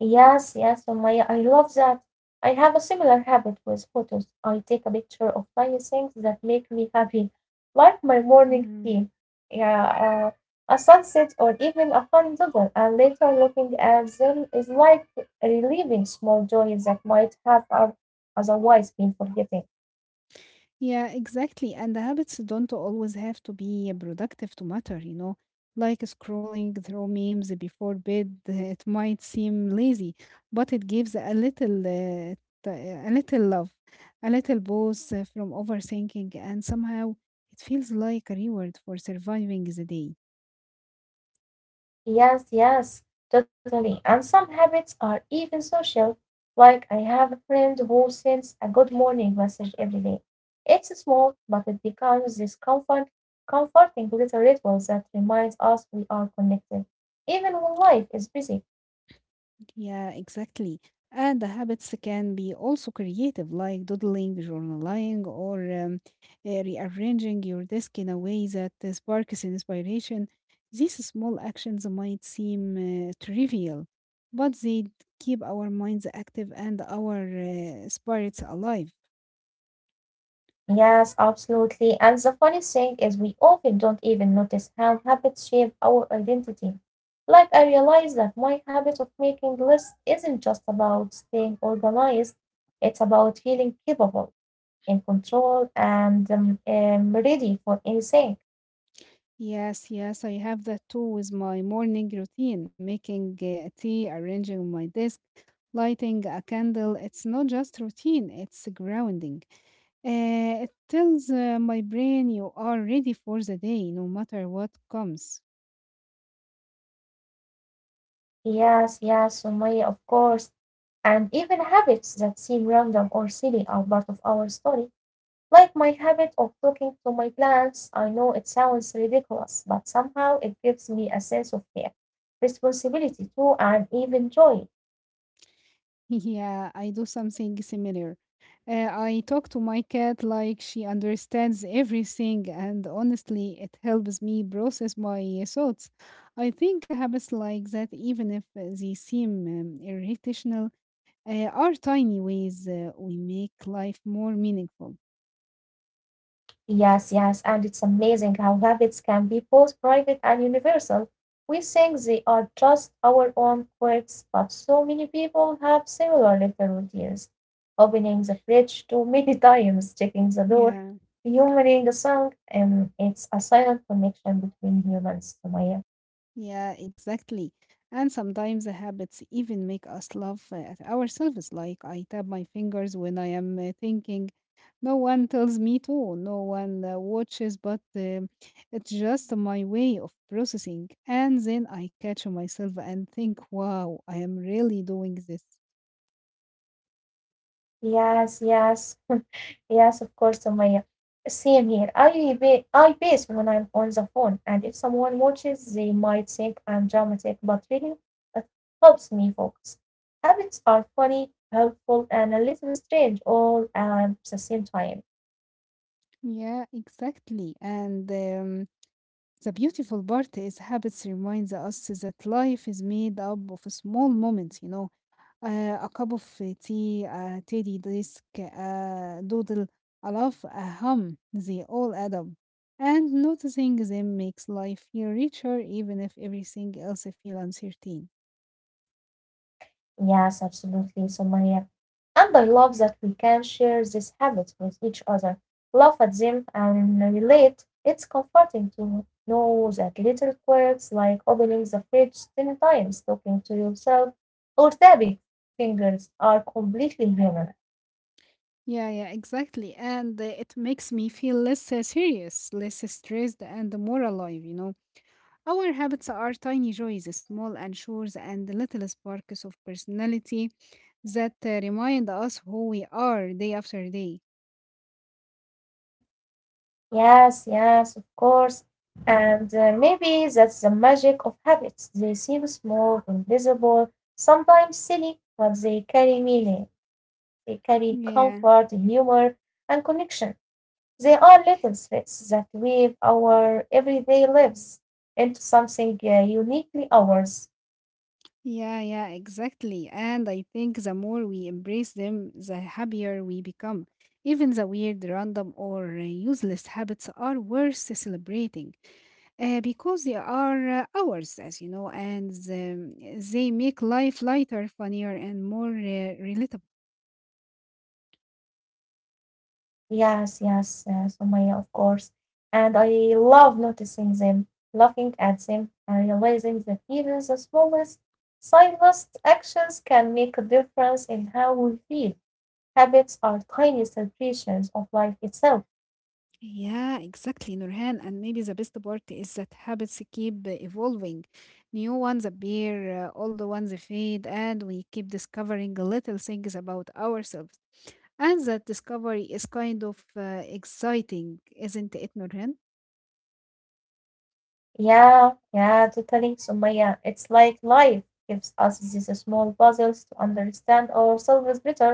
A: Yes, yes, Sumaya, I love that. I have a similar habit with photos. I take a picture of tiny things that make me happy, like my morning
B: Yeah.
A: tea, yeah, a sunset, or even a fun doodle. And later, looking at them is like relieving small joys that might have otherwise been forgotten.
B: Yeah, exactly. And the habits don't always have to be productive to matter, you know. Like scrolling through memes before bed, it might seem lazy, but it gives a little, a little love, a little boost from overthinking, and somehow it feels like a reward for surviving the day.
A: Yes, yes, totally. And some habits are even social. Like I have a friend who sends a good morning message every day. It's small, but it becomes comforting little ritual that reminds us we are connected, even when life is busy.
B: Yeah, exactly. And the habits can be also creative, like doodling, journaling, or rearranging your desk in a way that sparks inspiration. These small actions might seem trivial, but they keep our minds active and our spirits alive.
A: Yes, absolutely. And the funny thing is, we often don't even notice how habits shape our identity. Like, I realized that my habit of making lists isn't just about staying organized, it's about feeling capable, in control, and ready for anything.
B: Yes, yes, I have that too with my morning routine, making tea, arranging my desk, lighting a candle. It's not just routine, it's grounding. It tells my brain you are ready for the day, no matter what comes.
A: Yes, yes, Sumaya, of course. And even habits that seem random or silly are part of our story. Like my habit of talking to my plants, I know it sounds ridiculous, but somehow it gives me a sense of care, responsibility too, and even joy.
B: Yeah, I do something similar. I talk to my cat like she understands everything, and honestly, it helps me process my thoughts. I think habits like that, even if they seem irrational, are tiny ways we make life more meaningful.
A: Yes, yes, and it's amazing how habits can be both private and universal. We think they are just our own quirks, but so many people have similar little routines. Opening the fridge too many times, checking the door,
B: Yeah.
A: humoring a song, and it's a silent connection between humans, Sumaya.
B: Yeah, exactly. And sometimes the habits even make us laugh at ourselves. Like I tap my fingers when I am thinking. No one tells me to, no one watches, but it's just my way of processing. And then I catch myself and think, wow, I am really doing this.
A: Yes, yes, yes, of course, Sumaya. Same here. I ba I base when I'm on the phone, and if someone watches, they might think I'm dramatic, but really, it helps me focus. Habits are funny, helpful, and a little strange all at the same time.
B: Yeah, exactly. And the beautiful part is habits reminds us that life is made up of small moments, you know. A آآ of tea a teddy desk, a doodle, a laugh, a hum, they all add up. And noticing them makes life feel richer even if everything else feels uncertain.
A: Yes, absolutely. So, and I love that we can share these habits with each other, laugh at them, and relate. It's comforting to know that little quirks like opening the fridge 10 times, talking to yourself, or tapping fingers are completely human.
B: Yeah, yeah, exactly. And it makes me feel less serious, less stressed, and more alive, you know. Our habits are tiny joys, small anchors, and little sparks of personality that remind us who we are day after day.
A: Yes, yes, of course. And maybe that's the magic of habits. They seem small, invisible, sometimes silly, but they carry meaning. They carry
B: Yeah.
A: comfort, humor, and connection. They are little threads that weave our everyday lives into something uniquely ours.
B: Yeah, yeah, exactly. And I think the more we embrace them, the happier we become. Even the weird, random, or useless habits are worth celebrating because they are ours, as you know, and they make life lighter, funnier, and more relatable.
A: Yes, yes, Sumaya, of course. And I love noticing them, laughing at them, and realizing that even the smallest, silent actions can make a difference in how we feel. Habits are tiny celebrations of life itself.
B: Yeah, exactly, Nurhan. And maybe the best part is that habits keep evolving. New ones appear, old ones fade, and we keep discovering little things about ourselves. And that discovery is kind of exciting, isn't it, Nurhan?
A: Yeah, yeah, totally. So, Maya, it's like life gives us these small puzzles to understand ourselves better.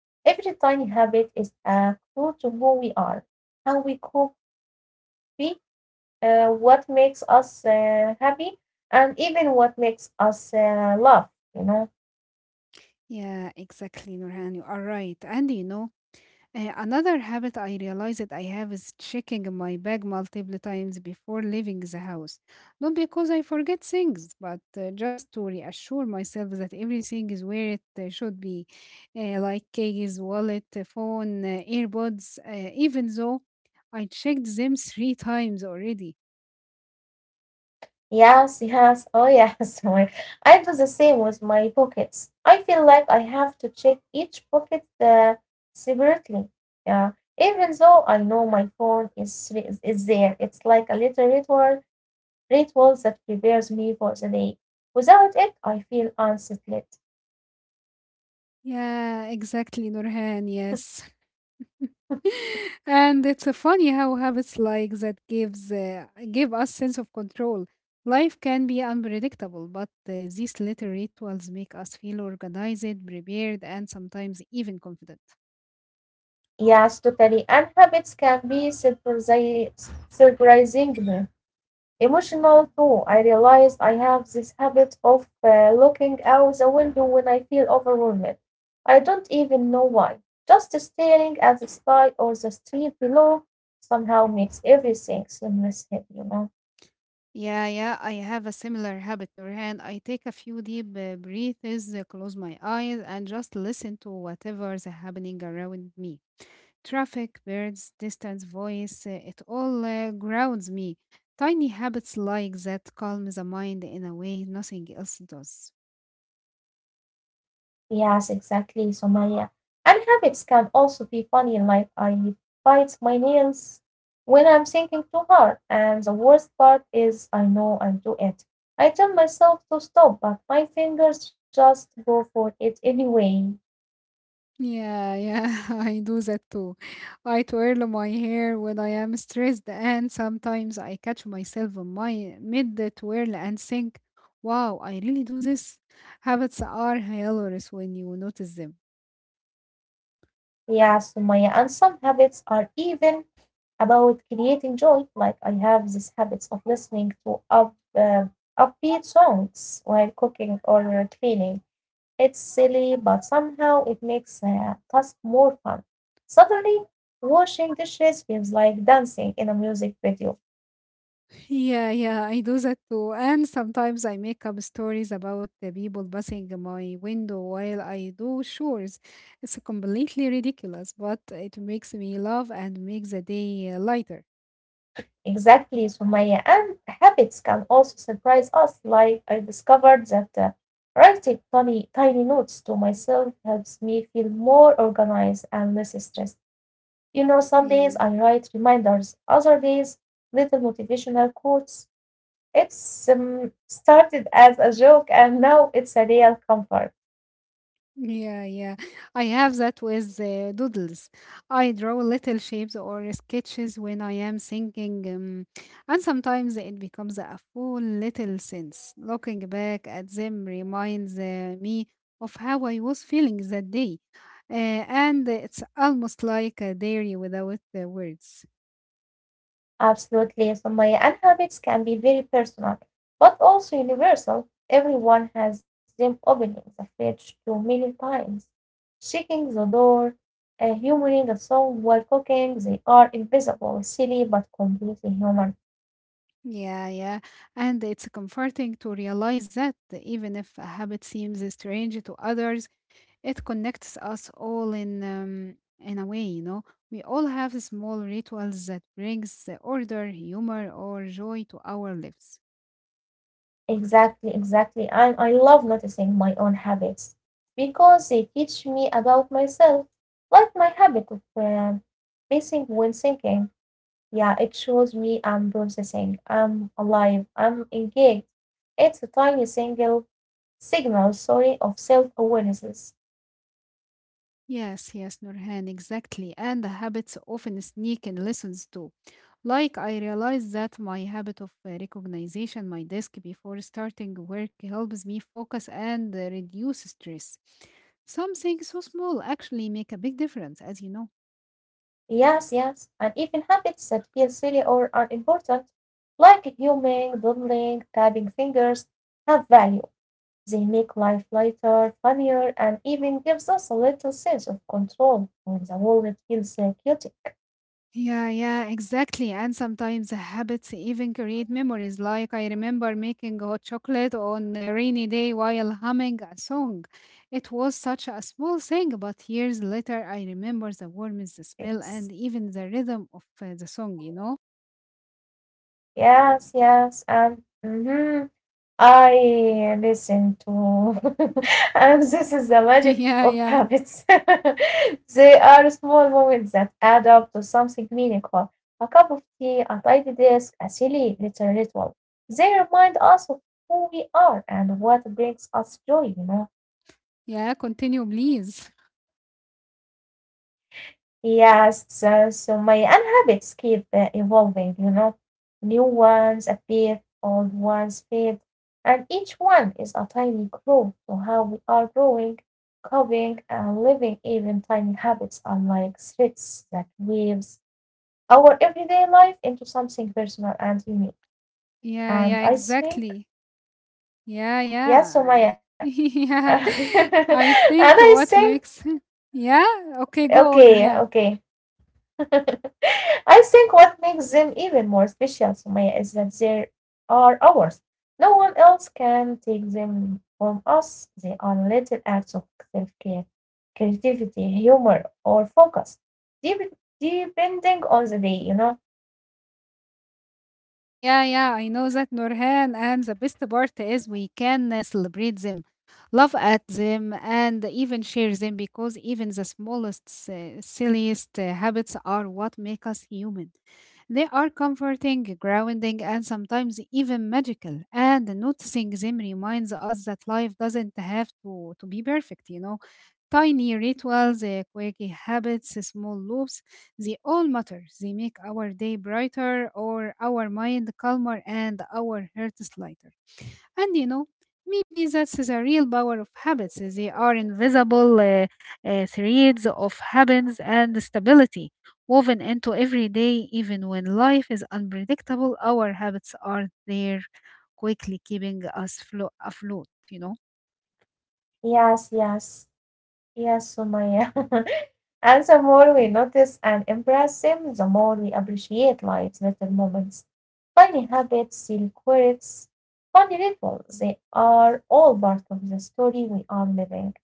A: Every tiny habit is a clue to who we are, how we cope, be, what makes us happy, and even what makes us laugh, you know.
B: Yeah, exactly, Nurhan. You are right. And you know, another habit I realized I have is checking my bag multiple times before leaving the house. Not because I forget things, but just to reassure myself that everything is where it should be, like keys, wallet, phone, earbuds, even though I checked them three times already.
A: Yes, yes, oh yes. I do the same with my pockets. I feel like I have to check each pocket separately. Yeah, even though I know my phone is there, it's like a little ritual that prepares me for the day. Without it, I feel unsettled.
B: Yeah, exactly, Nurhan, yes. And it's funny how habits like that give us sense of control. Life can be unpredictable, but these little rituals make us feel organized, prepared, and sometimes even confident.
A: Yes, totally. And habits can be surprisingly emotional too. I realized I have this habit of looking out the window when I feel overwhelmed. I don't even know why. Just staring at the sky or the street below somehow makes everything seems heavy, you know.
B: Yeah, yeah, I have a similar habit, Nurhan. I take a few deep breaths, close my eyes, and just listen to whatever's happening around me. Traffic, birds, distance, voice, it all grounds me. Tiny habits like that calm the mind in a way nothing else does.
A: Yes, exactly, Somaya. And habits can also be funny, like I bite my nails when I'm thinking too hard. And the worst part is I know I do it. I tell myself to stop, but my fingers just go for it anyway.
B: Yeah, yeah, I do that too. I twirl my hair when I am stressed, and sometimes I catch myself in my mid twirl and think, wow, I really do this. Habits are hilarious when you notice them.
A: Yes, Somaya. And some habits are even about creating joy. Like I have these habits of listening to upbeat songs while cooking or cleaning. It's silly, but somehow it makes the task more fun. Suddenly, washing dishes feels like dancing in a music video.
B: Yeah, yeah, I do that too. And sometimes I make up stories about the people passing my window while I do chores. It's completely ridiculous, but it makes me laugh and makes the day lighter.
A: Exactly, Sumaya. And habits can also surprise us. Like I discovered that writing tiny, tiny notes to myself helps me feel more organized and less stressed. You know, some days I
B: Yeah.
A: write reminders, other days, little motivational quotes. It's started as a joke and now it's a real comfort.
B: Yeah, yeah. I have that with doodles. I draw little shapes or sketches when I am thinking, and sometimes it becomes a full little sense. Looking back at them reminds me of how I was feeling that day, and it's almost like a diary without the words.
A: Absolutely, So my and habits can be very personal, but also universal. Everyone has them opening the fridge too many times, shaking the door, humoring a song while cooking. They are invisible, silly, but completely human.
B: Yeah, yeah. And it's comforting to realize that even if a habit seems strange to others, it connects us all in a way, you know. We all have small rituals that brings the order, humor, or joy to our lives.
A: Exactly, exactly. And I love noticing my own habits because they teach me about myself, like my habit of pacing when thinking. Yeah, it shows me I'm processing, I'm alive, I'm engaged. It's a tiny single signal, sorry, of self awarenesses.
B: Yes, yes, Nurhan, exactly. And the habits often sneak in lessons too. Like I realized that my habit of recognition my desk before starting work helps me focus and reduce stress. Something so small actually make a big difference, as you know.
A: Yes, yes, and even habits that feel silly or unimportant, like humming, doodling, tapping fingers, have value. They make life lighter, funnier, and even gives us a little sense of control when the world feels chaotic.
B: Yeah, yeah, exactly. And sometimes the habits even create memories. Like I remember making hot chocolate on a rainy day while humming a song. It was such a small thing, but years later I remember the warmth, the smell,
A: Yes.
B: and even the rhythm of the song, you know?
A: Yes, yes, and I listen to, and this is the magic of
B: Yeah, yeah,
A: habits. They are small moments that add up to something meaningful. A cup of tea, a tidy desk, a silly little ritual. They remind us of who we are and what brings us joy, you know.
B: yeah. Continue, please.
A: Yes, so, so my and habits keep evolving, you know. New ones appear, old ones fade, and each one is a tiny clue to how we are growing, coping, and living. Even tiny habits are like threads that weaves our everyday life into something personal and unique.
B: Yeah,
A: And
B: yeah,
A: I think,
B: exactly. Yeah,
A: yes, Somaya.
B: yeah.
A: And
B: Yeah, I
A: I
B: think
A: think,
B: what makes. Yeah, okay,
A: okay,
B: go on.
A: okay.
B: Yeah.
A: I think what makes them even more special, Sumaya, is that they are ours. No one else can take them from us. They are little acts of self care, creativity, humor, or focus, dep- depending on the day, you know?
B: Yeah, yeah, I know that Nurhan, and the best part is we can celebrate them, laugh at them, and even share them because even the smallest, silliest habits are what make us human. They are comforting, grounding, and sometimes even magical. And noticing them reminds us that life doesn't have to be perfect, you know. Tiny rituals, quirky habits, small loops, they all matter. They make our day brighter or our mind calmer and our hearts lighter. And you know, maybe that's the real power of habits. They are invisible threads of habits and stability woven into every day, even when life is unpredictable. Our habits are there quickly, keeping us afloat, you know.
A: Yes, yes. Yes, Sumaya. And the more we notice and embrace them, the more we appreciate life's little moments. Tiny habits, silly quirks, funny rituals, they are all part of the story we are living.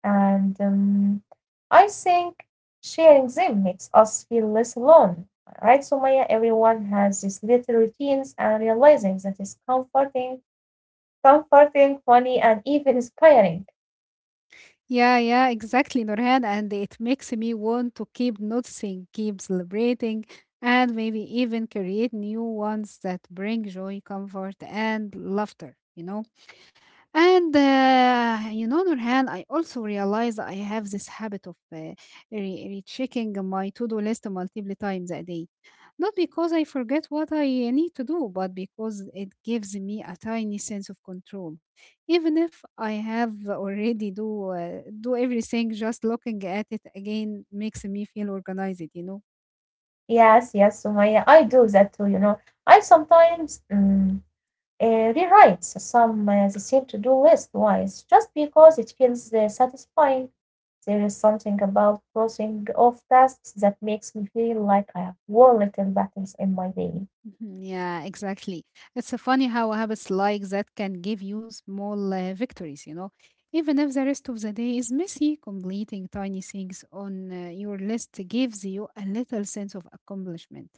A: And I think sharing them makes us feel less alone. Right, Sumaya? Everyone has these little routines and realizing that is comforting, funny, and even inspiring.
B: Yeah, yeah, exactly, Nurhan. And it makes me want to keep noticing, keep celebrating, and maybe even create new ones that bring joy, comfort, and laughter, you know? And you know, Nurhan, I also realize I have this habit of rechecking my to-do list multiple times a day. Not because I forget what I need to do, but because it gives me a tiny sense of control. Even if I have already do everything, just looking at it again makes me feel organized, you know.
A: Yes, yes, Sumaya, I do that too, you know. I sometimes rewrite some the same to-do list once just because it feels satisfying. There is something about crossing off tasks that makes me feel like I have won little battles in my day.
B: Mhm. Yeah, exactly. It's so funny how habits like that can give you small victories, you know. Even if the rest of the day is messy, completing tiny things on your list gives you a little sense of accomplishment.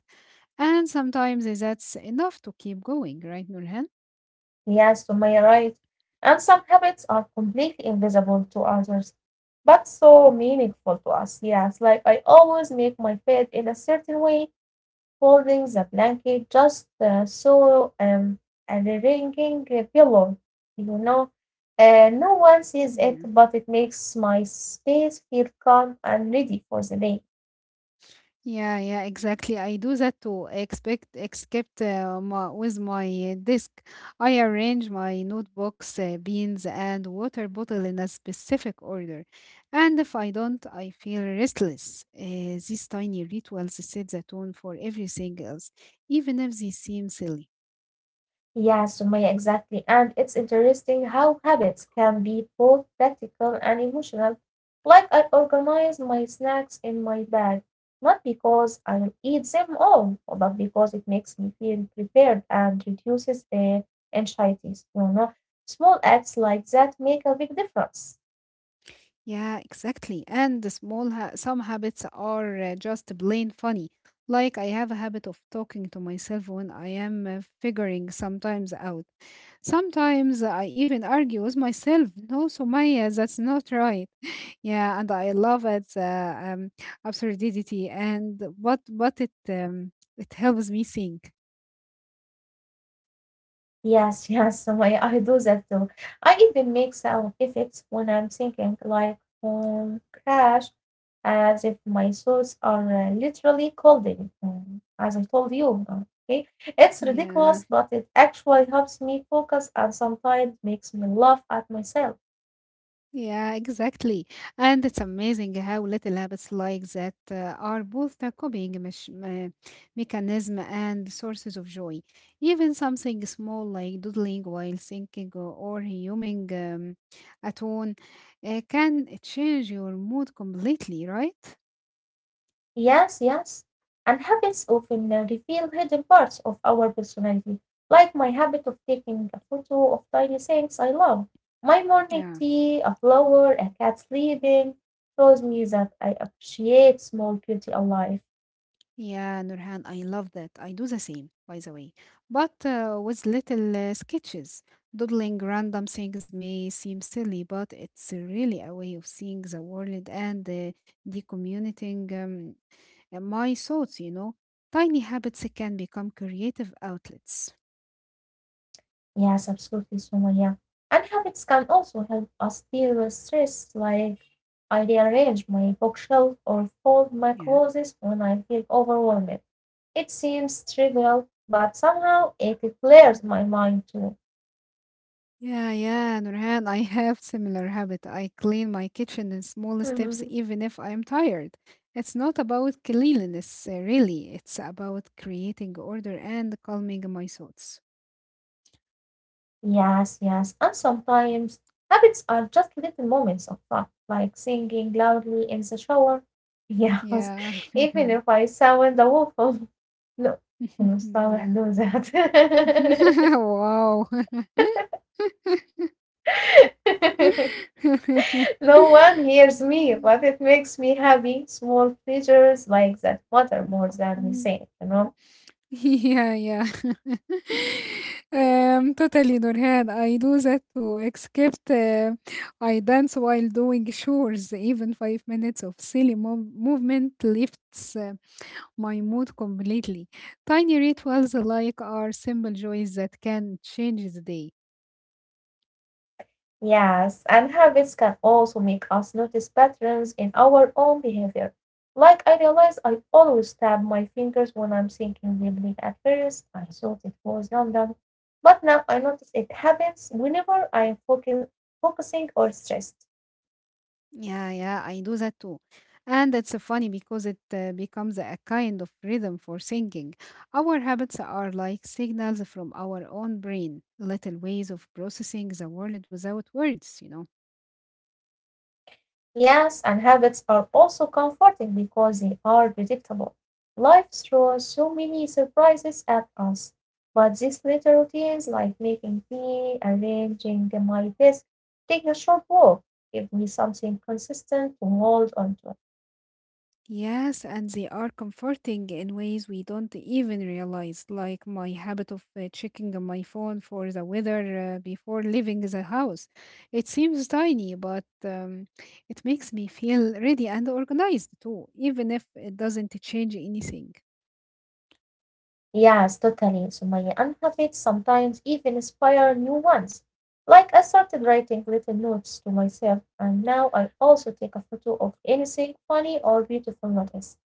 B: And sometimes that's enough to keep going, right, Nurhan?
A: Yes, Sumaya, right. And some habits are completely invisible to others, but so meaningful to us. Yes, like I always make my bed in a certain way, holding the blanket just so and a ringing a pillow, you know. No one sees it,
B: Yeah,
A: but it makes my space feel calm and ready for the day.
B: yeah, yeah, exactly. I do that too. Except with my disk, I arrange my notebooks, beans, and water bottle in a specific order. And if I don't, I feel restless. These tiny rituals set the tone for everything else, even if they seem silly.
A: Yeah, Sumaya, exactly. And it's interesting how habits can be both practical and emotional. Like I organize my snacks in my bag, not because I will eat them all, but because it makes me feel prepared and reduces anxieties. You know, small acts like that make a big difference.
B: Yeah, exactly. And the small ha some habits are just plain funny. Like I have a habit of talking to myself when I am figuring sometimes out. Sometimes I even argue with myself. No, Sumaya, that's not right. Yeah, and I love it, absurdity and what it it helps me think.
A: Yes, yes, I do that too. I even make sound effects when I'm thinking, like crash, as if my thoughts are literally coding, as I told you. Okay, it's
B: Yeah.
A: ridiculous, but it actually helps me focus and sometimes makes me laugh at myself.
B: Yeah, exactly. And it's amazing how little habits like that are both the mechanism and sources of joy. Even something small like doodling while thinking or humming a tune can change your mood completely, right?
A: Yes, yes. And habits often reveal hidden parts of our personality, like my habit of taking a photo of tiny things I love. My morning
B: Yeah.
A: tea, a flower, a cat sleeping, shows me that I appreciate small beauty of life.
B: Yeah, Nurhan, I love that. I do the same, by the way. But with little sketches, doodling random things may seem silly, but it's really a way of seeing the world and decommuting my thoughts, you know. Tiny habits can become creative outlets.
A: Yes, absolutely, Sumaya. And habits can also help us deal with stress, like I rearrange my bookshelf or fold my
B: Yeah.
A: clothes when I feel overwhelmed. It seems trivial, but somehow it clears my mind too.
B: Yeah, yeah, Nurhan, I have similar habit. I clean my kitchen in small steps
A: Mhm.
B: even if I am tired. It's not about cleanliness, really. It's about creating order and calming my thoughts.
A: Yes, yes, and sometimes habits are just little moments of fun, like singing loudly in the shower. Yes,
B: Yeah.
A: even if I sound awful. No, no, صالح,
B: Yeah.
A: do that.
B: Wow.
A: No one hears me,
B: Mm,
A: but it makes me happy. Small pleasures like that matter more than we
B: mm.
A: say, you know.
B: Yeah, yeah. Totally, Nurhan. I do that too, except I dance while doing chores. Even five minutes of silly movement lifts my mood completely. Tiny rituals like are simple joys that can change the day.
A: Yes, and habits can also make us notice patterns in our own behavior. Like I realize I always tap my fingers when I'm thinking deeply. At first, I thought it was random, but now I notice it happens whenever I'm focusing or stressed.
B: Yeah, yeah, I do that too. And it's funny because it becomes a kind of rhythm for thinking. Our habits are like signals from our own brain, little ways of processing the world without words, you know.
A: Yes, and habits are also comforting because they are predictable. Life throws so many surprises at us, but these little routines like making tea, arranging my desk, taking a short walk, give me something consistent to hold on to.
B: Yes, and they are comforting in ways we don't even realize, like my habit of checking on my phone for the weather before leaving the house. It seems tiny, but it makes me feel ready and organized too, even if it doesn't change anything.
A: Yes, totally. So my habits sometimes even inspire new ones. Like I started writing little notes to myself, and now I also take a photo of anything funny or beautiful notice.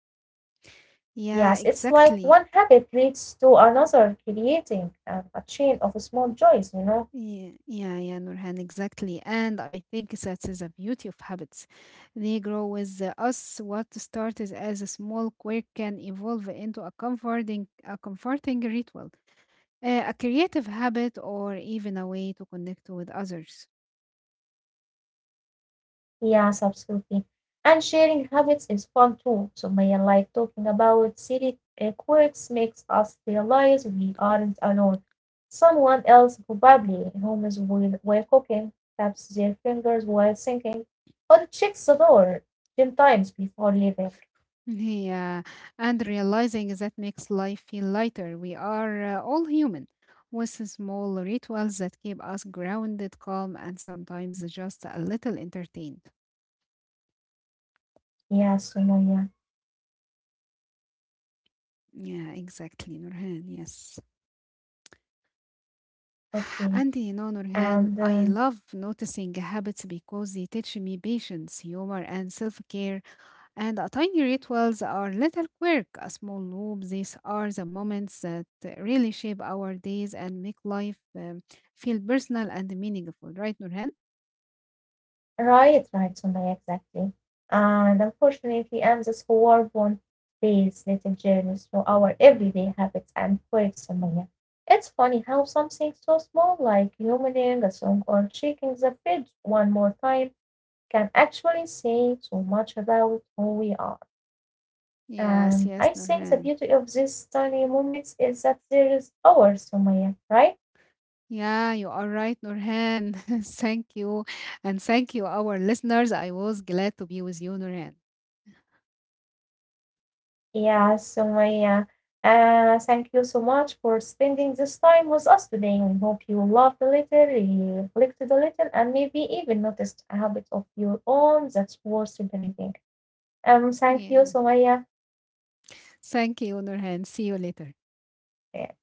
B: Yeah,
A: Yes, it's like
B: exactly.
A: one habit leads to another, creating a chain of small joys, you know?
B: Yeah, yeah, yeah, Nurhan, exactly. And I think that is the beauty of habits. They grow with us. What started as a small quirk can evolve into a comforting ritual, a creative habit, or even a way to connect with others.
A: Yes, absolutely. And sharing habits is fun too. So, Maya, like talking about silly quirks makes us realize we aren't alone. Someone else, probably in homes while cooking, taps their fingers while thinking, or checks the door 10 times before leaving.
B: Yeah, and realizing that makes life feel lighter. We are all human with small rituals that keep us grounded, calm, and sometimes just a little entertained.
A: Yes, so Maya.
B: Yeah, exactly, Nurhan. Yes.
A: Okay.
B: And you know, Nurhan,
A: And
B: I love noticing habits because they teach me patience, humor, and self care. And a tiny rituals are little quirk, a small loop. These are the moments that really shape our days and make life feel personal and meaningful, right, Nurhan?
A: right, right, Sumaya, exactly. And unfortunately, AMSA's war won't these little journeys through our everyday habits and quirks, Sumaya. It's funny how something so small like humming a song or checking the fridge one more time can actually say so much about who we are.
B: Yes,
A: And
B: yes,
A: I think the
B: Nurhan.
A: beauty of these tiny moments is that there is ours, Sumaya, right?
B: Yeah, you are right, Nurhan. Thank you. And thank you, our listeners. I was glad to be with you, Nurhan.
A: Yeah, so Maya, thank you so much for spending this time with us today. We hope you loved a little, reflected a little, and maybe even noticed a habit of your own that's worth celebrating. Thank you,
B: Yeah.
A: so Maya.
B: Thank you, Nurhan. See you later.
A: Yeah,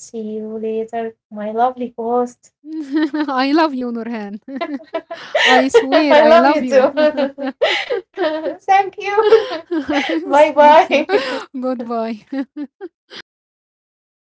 A: see you later, my lovely host.
B: I love you, Nurhan. I swear
A: I
B: I
A: love
B: love
A: you
B: you.
A: too. Thank you. Bye
B: Thank you.
A: bye.
B: Goodbye.